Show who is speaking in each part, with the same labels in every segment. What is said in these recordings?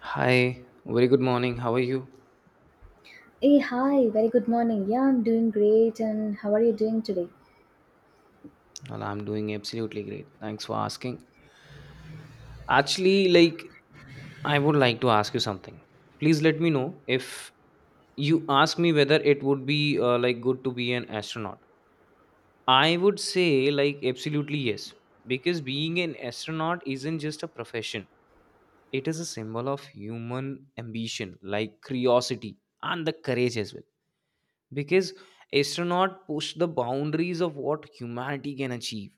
Speaker 1: Hi, very good morning. How are you?
Speaker 2: Hey, hi, very good morning. Yeah, I'm doing great. And how are you doing today?
Speaker 1: Well, I'm doing absolutely great. Thanks for asking. Actually, like, I would like to ask you something. Please let me know. If you ask me whether it would be like good to be an astronaut, I would say, absolutely yes, because being an astronaut isn't just a profession, it is a symbol of human ambition, like curiosity and the courage as well. Because astronaut push the boundaries of what humanity can achieve.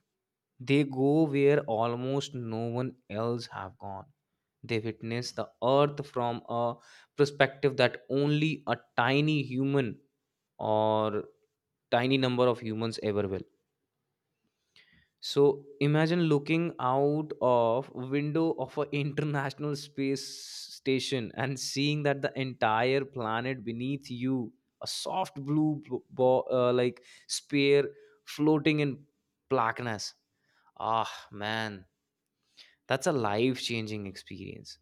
Speaker 1: They go where almost no one else have gone. They witness the earth from a perspective that only a tiny human or tiny number of humans ever will. So imagine looking out of window of an international space station and seeing that the entire planet beneath you, a soft blue like sphere floating in blackness. Ah man, that's a life changing experience.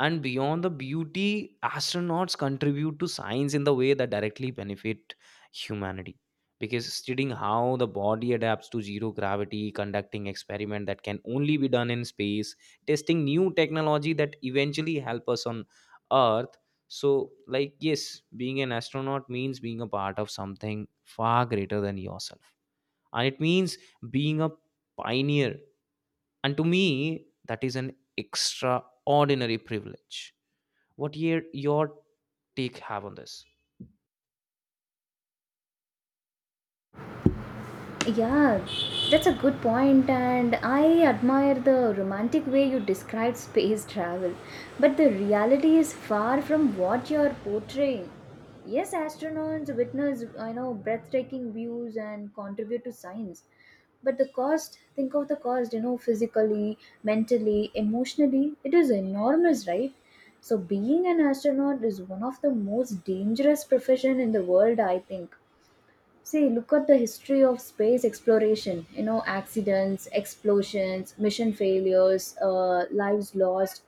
Speaker 1: And beyond the beauty astronauts contribute to science in the way that directly benefit humanity, because studying how the body adapts to zero gravity, conducting experiment that can only be done in space, testing new technology that eventually help us on earth. So yes, being an astronaut means being a part of something far greater than yourself, and it means being a pioneer. And to me that is an extraordinary privilege. What your take have on this?
Speaker 2: Yeah, that's a good point, and I admire the romantic way you describe space travel. But the reality is far from what you're portraying. Yes, astronauts witness, I know, breathtaking views and contribute to science. But the cost, think of the cost, physically, mentally, emotionally, it is enormous, right? So being an astronaut is one of the most dangerous profession in the world, I think. See, look at the history of space exploration. Accidents, explosions, mission failures, lives lost.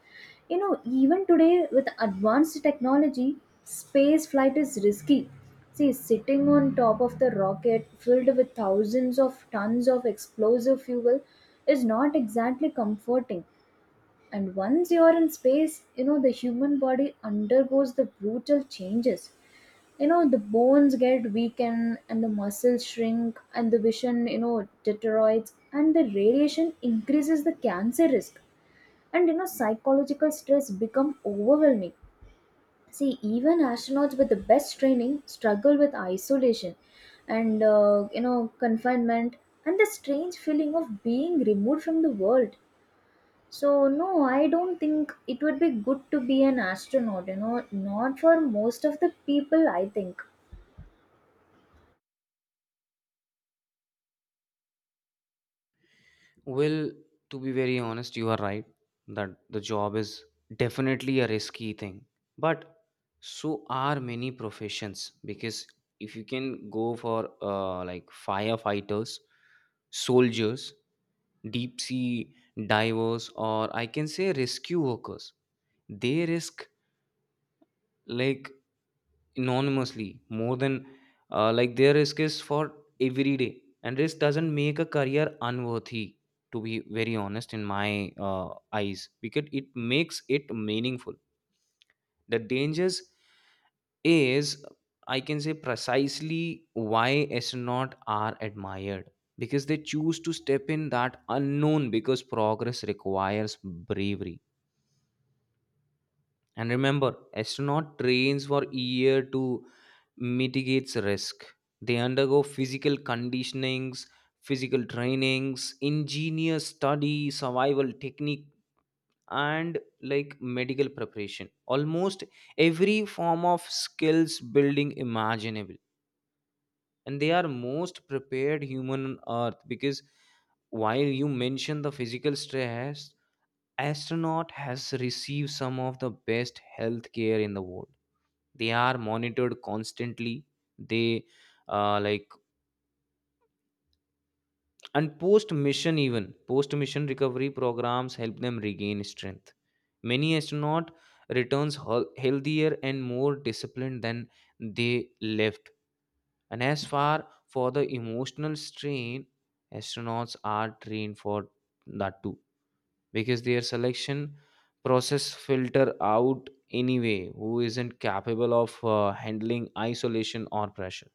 Speaker 2: Even today with advanced technology, space flight is risky. See, sitting on top of the rocket filled with thousands of tons of explosive fuel is not exactly comforting. And once you're in space, the human body undergoes the brutal changes. The bones get weakened and the muscles shrink, and the vision deteriorates, and the radiation increases the cancer risk. And psychological stress become overwhelming. See, even astronauts with the best training struggle with isolation and confinement and the strange feeling of being removed from the world. So no, I don't think it would be good to be an astronaut, not for most of the people, I think.
Speaker 1: Well, to be very honest, you are right that the job is definitely a risky thing, but so are many professions, because if you can go for like firefighters, soldiers, deep sea divers, or I can say rescue workers. They risk like anonymously more than their risk is for every day. And risk doesn't make a career unworthy, to be very honest, in my eyes, because it makes it meaningful. The dangers is, I can say, precisely why astronauts are admired, because they choose to step in that unknown, because progress requires bravery. And remember, astronaut trains for year to mitigate risk. They undergo physical conditionings, physical trainings, ingenious study, survival technique, and like medical preparation. Almost every form of skills building imaginable. And they are most prepared human on earth, because while you mention the physical stress, astronaut has received some of the best health care in the world. They are monitored constantly. They like and Post mission, even post mission recovery programs help them regain strength. Many astronaut returns healthier and more disciplined than they left. And as far for the emotional strain, astronauts are trained for that too, because their selection process filter out anyway who isn't capable of handling isolation or pressure.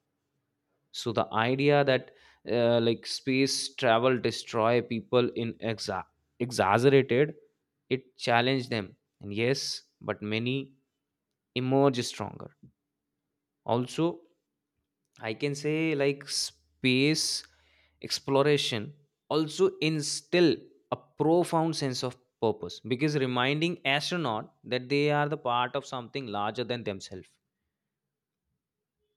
Speaker 1: So the idea that like space travel destroy people in exaggerated. It challenged them, and yes, but many emerge stronger. Also, I can say like space exploration also instill a profound sense of purpose, because reminding astronaut that they are the part of something larger than themselves.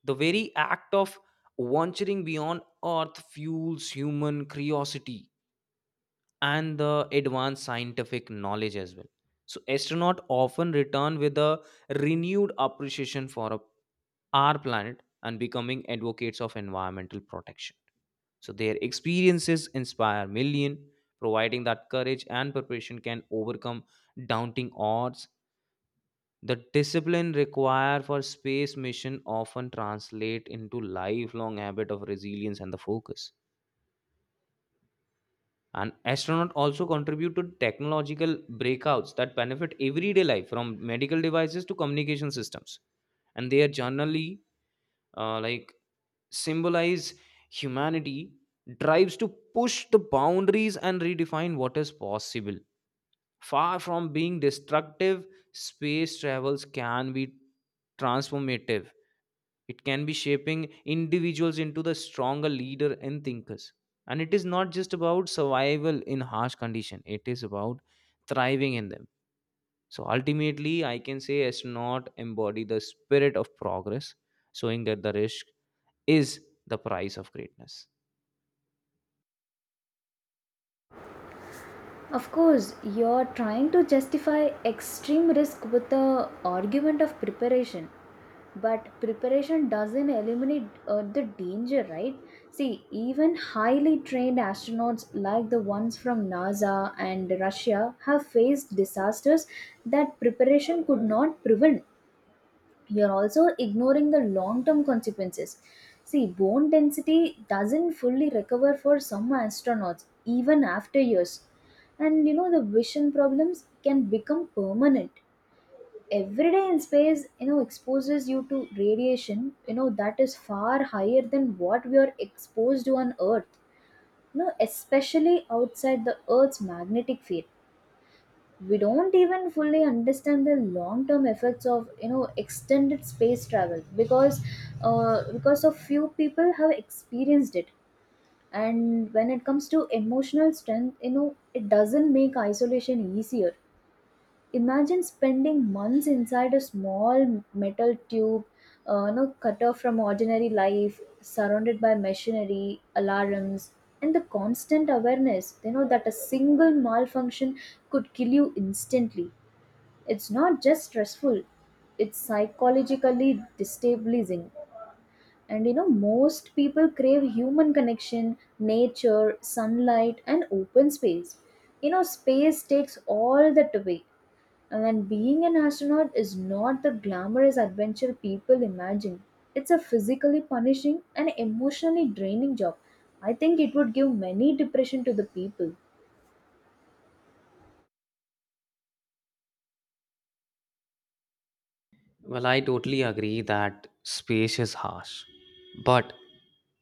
Speaker 1: The very act of venturing beyond earth fuels human curiosity and the advanced scientific knowledge as well. So, astronauts often return with a renewed appreciation for our planet, and becoming advocates of environmental protection. So, their experiences inspire millions, providing that courage and preparation can overcome daunting odds. The discipline required for space mission often translate into lifelong habit of resilience and the focus. And astronauts also contribute to technological breakouts that benefit everyday life, from medical devices to communication systems. And they are generally uh, like symbolize humanity drives to push the boundaries and redefine what is possible. Far from being destructive, space travels can be transformative. It can be shaping individuals into the stronger leader and thinkers. And it is not just about survival in harsh condition, it is about thriving in them. So ultimately, I can say astronaut embody the spirit of progress, showing that the risk is the price of greatness.
Speaker 2: Of course, you're trying to justify extreme risk with the argument of preparation. But preparation doesn't eliminate the danger, right? See, even highly trained astronauts like the ones from NASA and Russia have faced disasters that preparation could not prevent. You're also ignoring the long term consequences. See, bone density doesn't fully recover for some astronauts even after years. And the vision problems can become permanent. Every day in space, exposes you to radiation, that is far higher than what we are exposed to on Earth, especially outside the Earth's magnetic field. We don't even fully understand the long term effects of extended space travel, because of few people have experienced it. And when it comes to emotional strength, it doesn't make isolation easier. Imagine spending months inside a small metal tube, cut off from ordinary life, surrounded by machinery, alarms, and the constant awareness that a single malfunction could kill you instantly. It's not just stressful, it's psychologically destabilizing. And most people crave human connection, nature, sunlight, and open space. Space takes all that away. And being an astronaut is not the glamorous adventure people imagine. It's a physically punishing and emotionally draining job. I think it would give many depression to the people.
Speaker 1: Well, I totally agree that space is harsh. But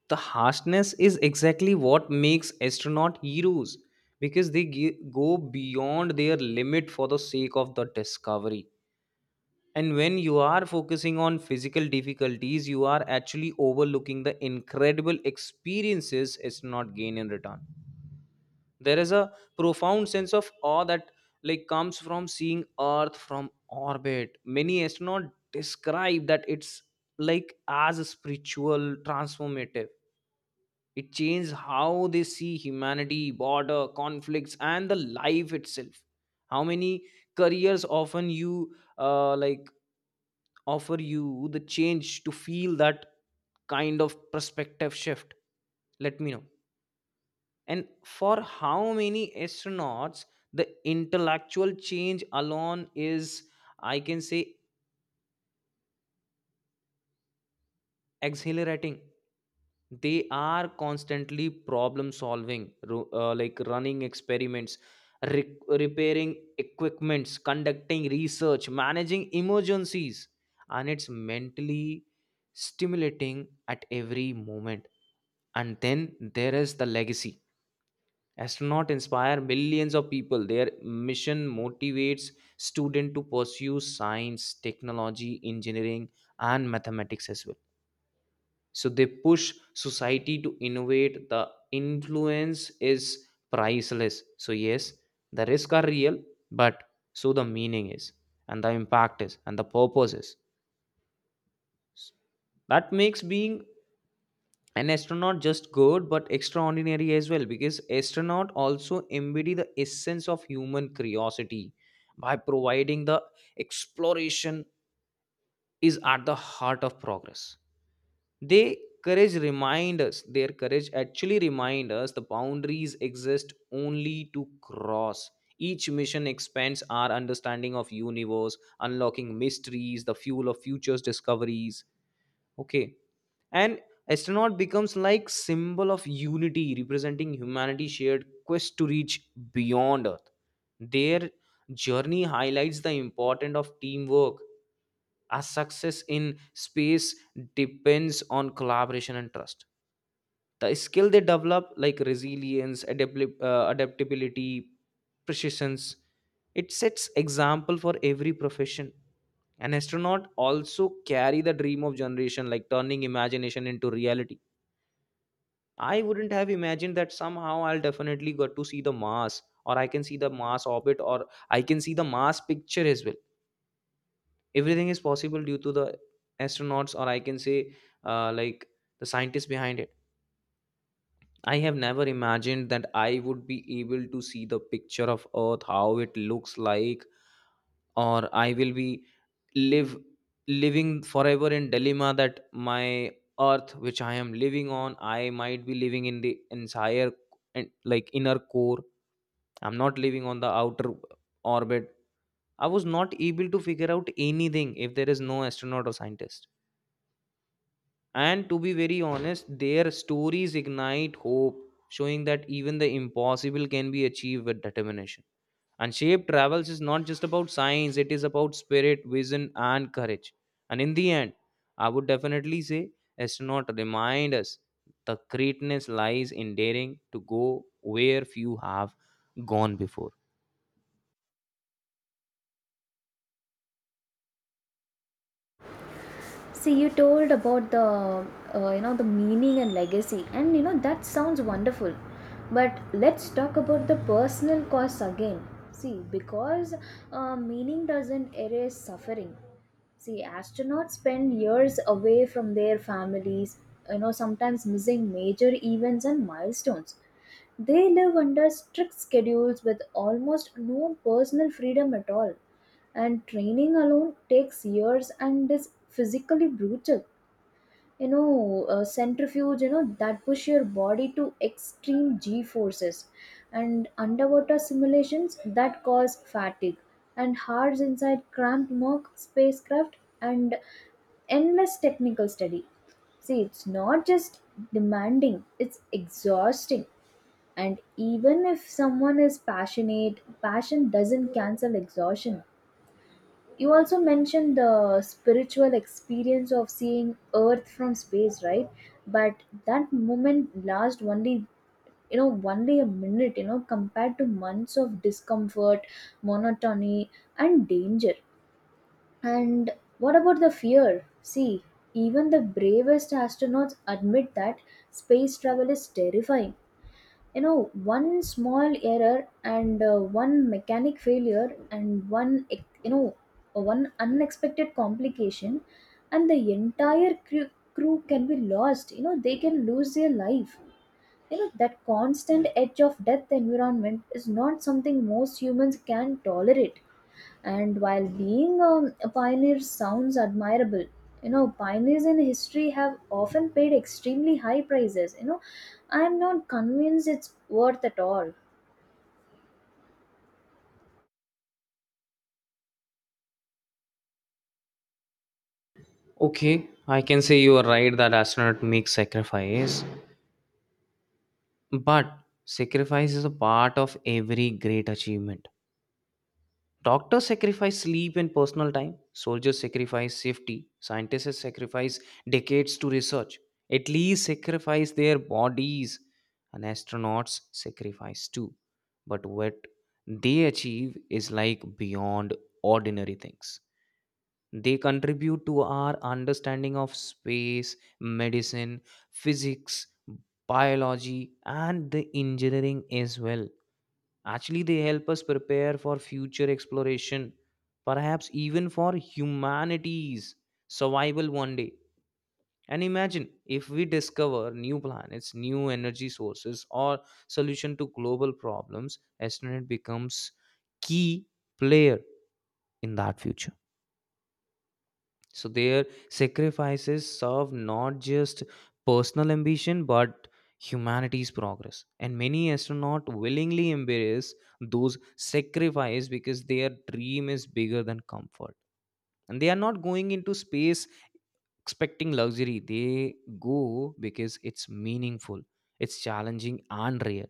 Speaker 1: the harshness is exactly what makes astronaut heroes, because they go beyond their limit for the sake of the discovery. And when you are focusing on physical difficulties, you are actually overlooking the incredible experiences astronaut gain in return. There is a profound sense of awe that like comes from seeing earth from orbit. Many astronauts describe that it's like as a spiritual transformative. It changes how they see humanity, border conflicts, and the life itself. How many careers often you like offer you the change to feel that kind of perspective shift? Let me know. And for how many astronauts, the intellectual change alone is, I can say, exhilarating. They are constantly problem solving, like running experiments, repairing equipments, conducting research, managing emergencies, and it's mentally stimulating at every moment. And then there is the legacy. Astronauts inspire millions of people. Their mission motivates students to pursue science, technology, engineering, and mathematics as well. So they push society to innovate. The influence is priceless. So, yes, the risks are real, but so the meaning is, and the impact is, and the purpose is. That makes being an astronaut just good but extraordinary as well, because astronaut also embody the essence of human curiosity, by providing the exploration is at the heart of progress. They courage remind us Their courage actually remind us the boundaries exist only to cross. Each mission expands our understanding of universe, unlocking mysteries, the fuel of futures discoveries. Okay. And astronaut becomes like symbol of unity, representing humanity's shared quest to reach beyond earth. Their journey highlights the importance of teamwork, as success in space depends on collaboration and trust. The skill they develop, like resilience, adaptability, precision, it sets example for every profession. An astronaut also carry the dream of generation, like turning imagination into reality. I wouldn't have imagined that somehow I'll definitely got to see the Mars, or I can see the Mars orbit, or I can see the Mars picture as well. Everything is possible due to the astronauts, or I can say, uh, like the scientists behind it. I have never imagined that I would be able to see the picture of Earth, how it looks like, or I will be live living forever in dilemma that my earth, which I am living on, I might be living in the entire and like inner core, I'm not living on the outer orbit. I was not able to figure out anything if there is no astronaut or scientist. And to be very honest, their stories ignite hope, showing that even the impossible can be achieved with determination. And shape travels is not just about science, it is about spirit, vision, and courage. And in the end, I would definitely say astronaut remind us the greatness lies in daring to go where few have gone before.
Speaker 2: See, you told about the the meaning and legacy, and that sounds wonderful. But let's talk about the personal costs again. See, because meaning doesn't erase suffering. See, astronauts spend years away from their families, sometimes missing major events and milestones. They live under strict schedules with almost no personal freedom at all. And training alone takes years and is physically brutal, centrifuge that push your body to extreme g forces, and underwater simulations that cause fatigue, and hours inside cramped mock spacecraft, and endless technical study. See, it's not just demanding, it's exhausting. And even if someone is passionate, passion doesn't cancel exhaustion. You also mentioned the spiritual experience of seeing Earth from space, right? But that moment lasts only a minute, compared to months of discomfort, monotony, and danger. And what about the fear? See, even the bravest astronauts admit that space travel is terrifying. One small error, and one mechanic failure, and one ex- you know one unexpected complication, and the entire crew can be lost. They can lose their life. That constant edge of death environment is not something most humans can tolerate. And while being a pioneer sounds admirable, pioneers in history have often paid extremely high prices. I am not convinced it's worth at all.
Speaker 1: Okay, I can say you are right that astronaut makes sacrifice, but sacrifice is a part of every great achievement. Doctors sacrifice sleep and personal time. Soldiers sacrifice safety. Scientists sacrifice decades to research. At least sacrifice their bodies. And astronauts sacrifice too. But what they achieve is like beyond ordinary things. They contribute to our understanding of space, medicine, physics, biology, and the engineering as well. Actually, they help us prepare for future exploration, perhaps even for humanity's survival one day. And imagine if we discover new planets, new energy sources, or solution to global problems, astronaut becomes key player in that future. So their sacrifices serve not just personal ambition but humanity's progress. And many astronauts willingly embrace those sacrifices because their dream is bigger than comfort. And they are not going into space expecting luxury. They go because it's meaningful, it's challenging and real.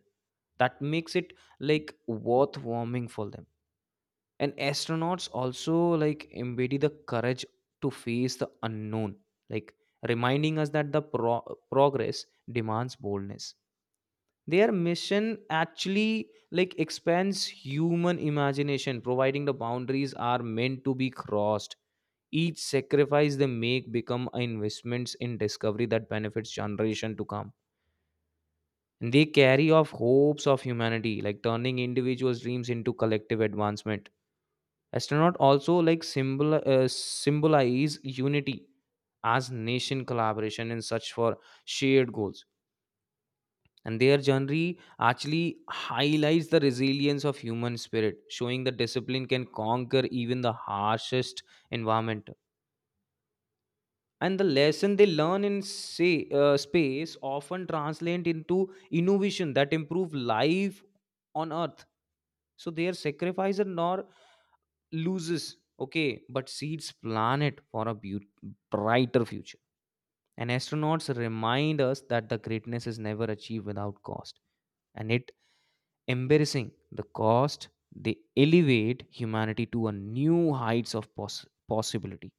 Speaker 1: That makes it like worth warming for them. And astronauts also like embody the courage to face the unknown, like reminding us that the progress demands boldness. Their mission actually like expands human imagination, providing the boundaries are meant to be crossed. Each sacrifice they make become investments in discovery that benefits generation to come. And they carry off hopes of humanity, like turning individuals dreams into collective advancement. Astronaut also like symbol symbolize unity, as nation collaboration in search for shared goals. And their journey actually highlights the resilience of human spirit, showing the discipline can conquer even the harshest environment. And the lesson they learn in say, space often translate into innovation that improve life on earth. So their sacrifice and nor loses, okay, but seeds planet for a brighter future. And astronauts remind us that the greatness is never achieved without cost. And it embarrassing the cost, they elevate humanity to a new heights of possibility.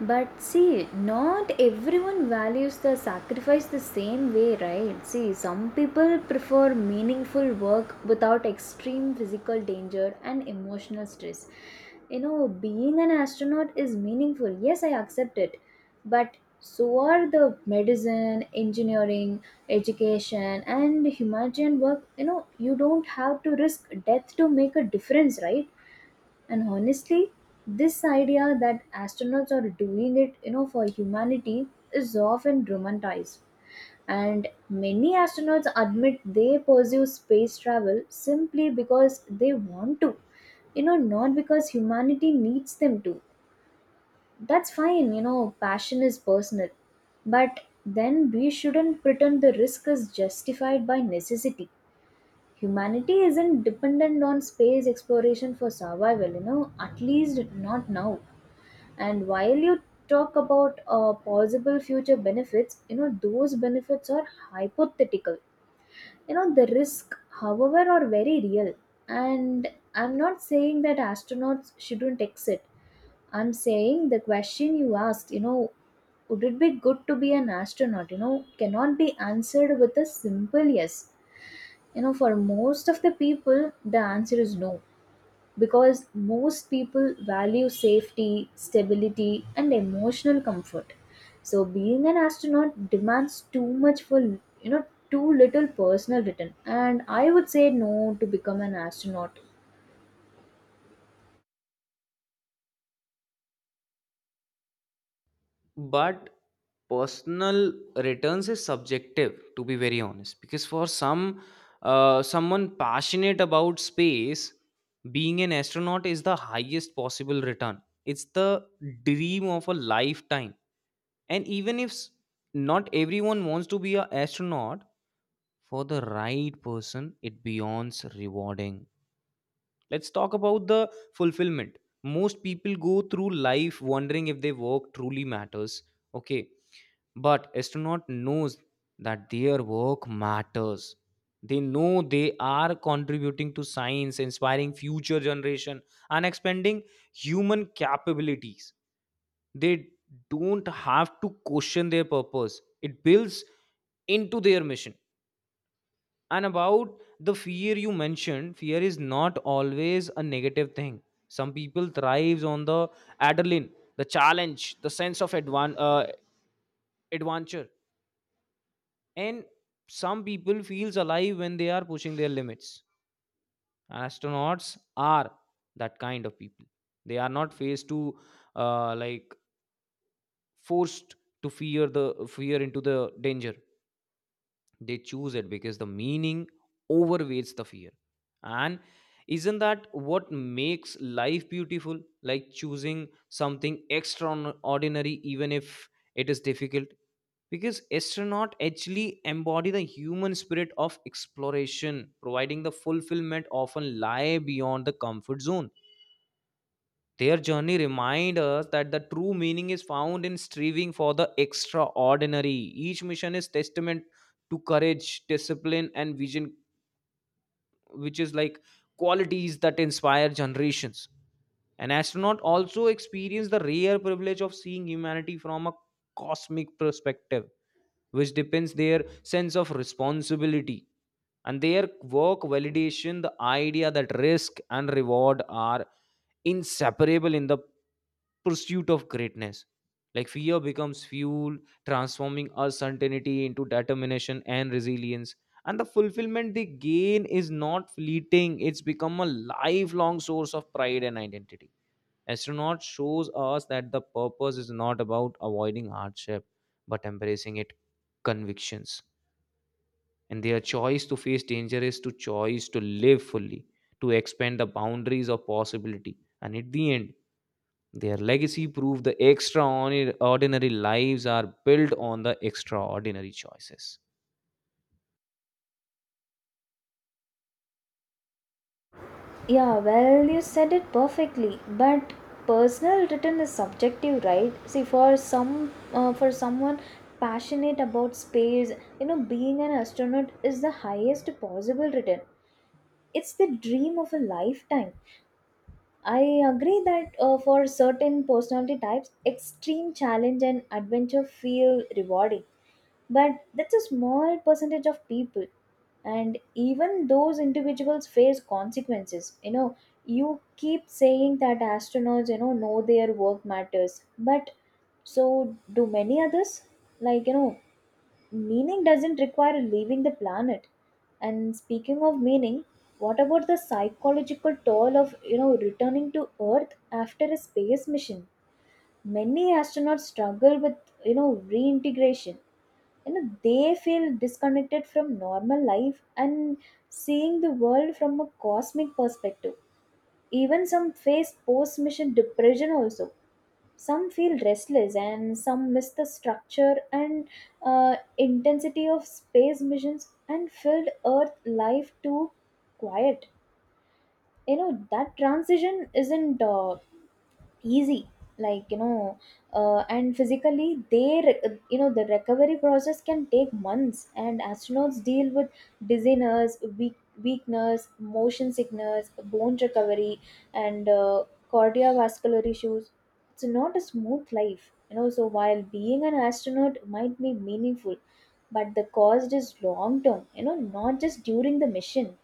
Speaker 2: But see, not everyone values the sacrifice the same way, right? See, some people prefer meaningful work without extreme physical danger and emotional stress. Being an astronaut is meaningful. Yes, I accept it. But so are the medicine, engineering, education, and humanitarian work. You don't have to risk death to make a difference, right? And honestly, this idea that astronauts are doing it, for humanity is often romanticized. And many astronauts admit they pursue space travel simply because they want to, not because humanity needs them to. That's fine, passion is personal. But then we shouldn't pretend the risk is justified by necessity. Humanity isn't dependent on space exploration for survival, at least not now. And while you talk about possible future benefits, those benefits are hypothetical. The risk, however, are very real. And I'm not saying that astronauts shouldn't exit. I'm saying the question you asked, would it be good to be an astronaut, cannot be answered with a simple yes. For most of the people, the answer is no, because most people value safety, stability, and emotional comfort. So being an astronaut demands too much for too little personal return, and I would say no to become an astronaut.
Speaker 1: But personal returns is subjective, to be very honest, because for some, someone passionate about space, being an astronaut is the highest possible return. It's the dream of a lifetime. And even if not everyone wants to be an astronaut, for the right person, it beyonds rewarding. Let's talk about the fulfillment. Most people go through life wondering if their work truly matters. Okay, but astronaut knows that their work matters. They know they are contributing to science, inspiring future generation, and expanding human capabilities. They don't have to question their purpose. It builds into their mission. And about the fear you mentioned, fear is not always a negative thing. Some people thrives on the adrenaline, the challenge, the sense of adventure, and some people feels alive when they are pushing their limits. Astronauts are that kind of people. They are not faced to uh, like forced to fear the fear into the danger. They choose it because the meaning overweights the fear. And isn't that what makes life beautiful, like choosing something extraordinary even if it is difficult? Because astronaut actually embody the human spirit of exploration, providing the fulfillment often lie beyond the comfort zone. Their journey remind us that the true meaning is found in striving for the extraordinary. Each mission is testament to courage, discipline, and vision, which is like qualities that inspire generations. An astronaut also experienced the rare privilege of seeing humanity from a cosmic perspective, which depends their sense of responsibility and their work validation, the idea that risk and reward are inseparable in the pursuit of greatness. Like fear becomes fuel, transforming uncertainty into determination and resilience. And the fulfillment they gain is not fleeting, it's become a lifelong source of pride and identity. Astronaut shows us that the purpose is not about avoiding hardship, but embracing it convictions. And their choice to face danger is to choice to live fully, to expand the boundaries of possibility. And at the end, their legacy prove the extraordinary lives are built on the extraordinary choices.
Speaker 2: Yeah, well, you said it perfectly. But personal written is subjective, right? See, for someone passionate about space, being an astronaut is the highest possible written. It's the dream of a lifetime. I agree that for certain personality types, extreme challenge and adventure feel rewarding, but that's a small percentage of people. And even those individuals face consequences. You keep saying that astronauts know their work matters, but so do many others, like meaning doesn't require leaving the planet. And speaking of meaning, what about the psychological toll of returning to earth after a space mission? Many astronauts struggle with reintegration. They feel disconnected from normal life and seeing the world from a cosmic perspective. Even some face post mission depression also. Some feel restless and some miss the structure and intensity of space missions, and filled earth life too quiet. That transition isn't easy, like. And physically, they re- you know the recovery process can take months, and astronauts deal with dizziness, weakness, motion sickness, bone recovery, and cardiovascular issues. It's not a smooth life, so while being an astronaut might be meaningful, but the cost is long term, not just during the mission.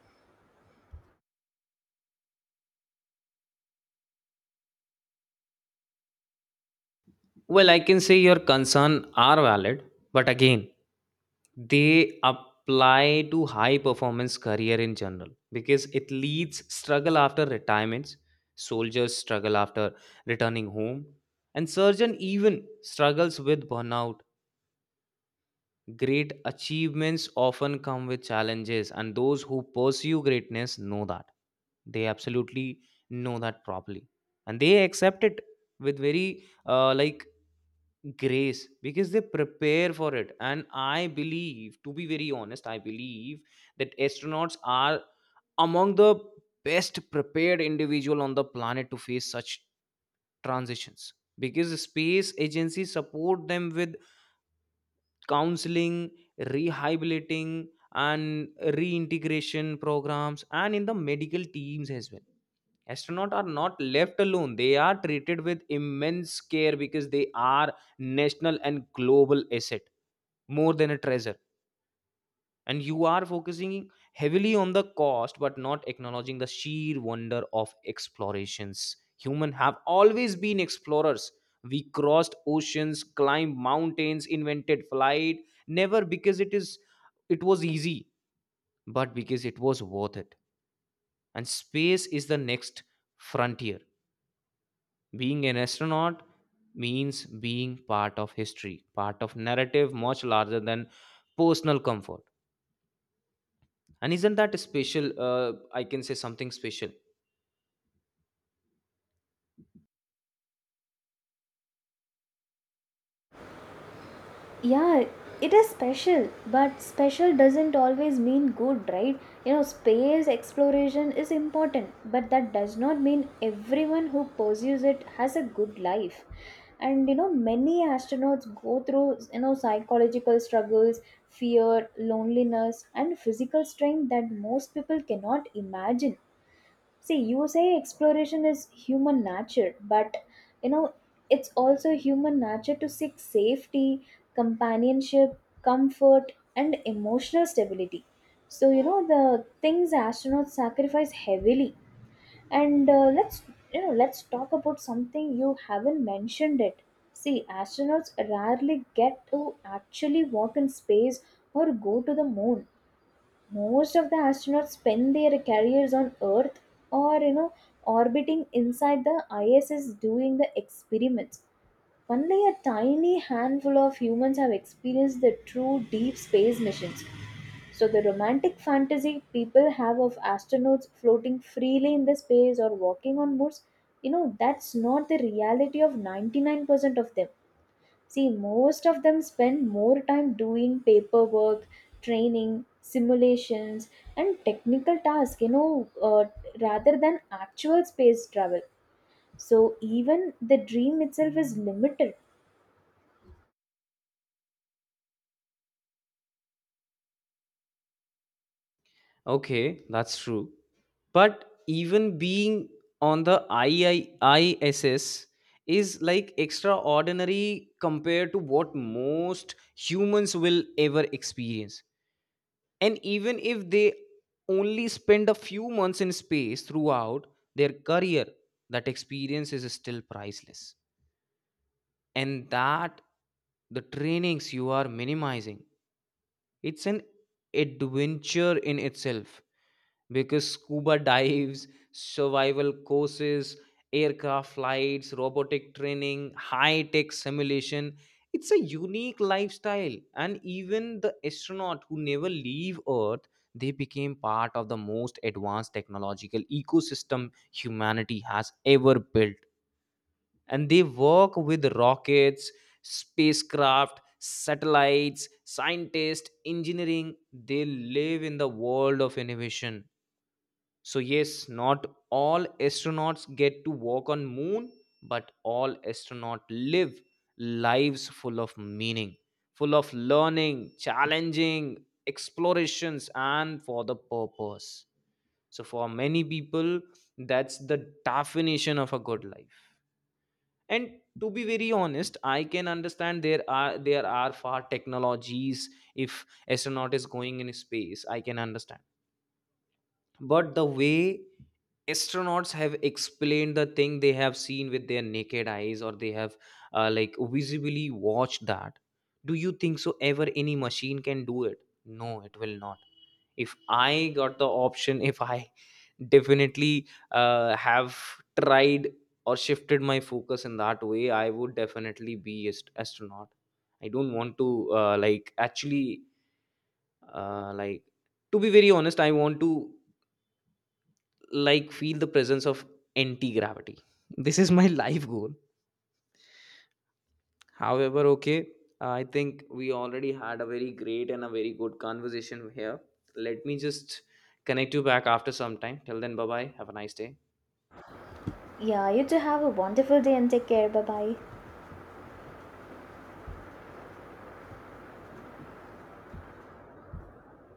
Speaker 1: Well, I can say your concern are valid, but again, they apply to high performance career in general, because it leads struggle after retirements. Soldiers struggle after returning home, and surgeon even struggles with burnout. Great achievements often come with challenges, and those who pursue greatness know that. They absolutely know that properly, and they accept it with very grace, because they prepare for it. And I believe, to be very honest, I believe that astronauts are among the best prepared individual on the planet to face such transitions, because space agencies support them with counseling, rehabilitating, and reintegration programs, and in the medical teams as well. Astronauts are not left alone, they are treated with immense care because they are national and global asset, more than a treasure. And you are focusing heavily on the cost but not acknowledging the sheer wonder of explorations. Human have always been explorers. We crossed oceans, climbed mountains, invented flight, never because it is, it was easy, but because it was worth it. And space is the next frontier. Being an astronaut means being part of history, part of narrative much larger than personal comfort. And isn't that a special? I can say something special.
Speaker 2: Yeah, it is special, but special doesn't always mean good, right? Space exploration is important, but that does not mean everyone who pursues it has a good life. And many astronauts go through psychological struggles, fear, loneliness, and physical strain that most people cannot imagine. See, you say exploration is human nature, but you know, it's also human nature to seek safety, companionship, comfort, and emotional stability. So, the things astronauts sacrifice heavily. And let's talk about something you haven't mentioned it. See, astronauts rarely get to actually walk in space or go to the moon. Most of the astronauts spend their careers on earth, or orbiting inside the ISS doing the experiments. Only a tiny handful of humans have experienced the true deep space missions. So the romantic fantasy people have of astronauts floating freely in the space or walking on moons, that's not the reality of 99% of them. See, most of them spend more time doing paperwork, training, simulations, and technical tasks, rather than actual space travel. So, even the dream itself is limited.
Speaker 1: Okay, that's true. But even being on the II ISS is like extraordinary compared to what most humans will ever experience. And even if they only spend a few months in space throughout their career, that experience is still priceless. And that the trainings you are minimizing, it's an adventure in itself, because scuba dives, survival courses, aircraft flights, robotic training, high tech simulation. It's a unique lifestyle. And even the astronaut who never leave Earth, they became part of the most advanced technological ecosystem humanity has ever built. And they work with rockets, spacecraft, satellites, scientists, engineering. They live in the world of innovation. So yes, not all astronauts get to walk on moon, but all astronauts live lives full of meaning, full of learning, challenging explorations and for the purpose. So for many people, that's the definition of a good life. And to be very honest, I can understand, there are far technologies. If astronaut is going in space, I can understand. But the way astronauts have explained the thing they have seen with their naked eyes, or they have visibly watched that, do you think so ever any machine can do it? No, it will not. If I got the option if I definitely have tried or shifted my focus in that way, I would definitely be astronaut. I don't want to actually, uh, like to be very honest, I want to like feel the presence of anti-gravity. This is my life goal. However, okay, I think we already had a very great and a very good conversation here. Let me just connect you back after some time. Till then, bye bye, have a nice day.
Speaker 2: Yeah, you too have a wonderful day and take care. Bye bye.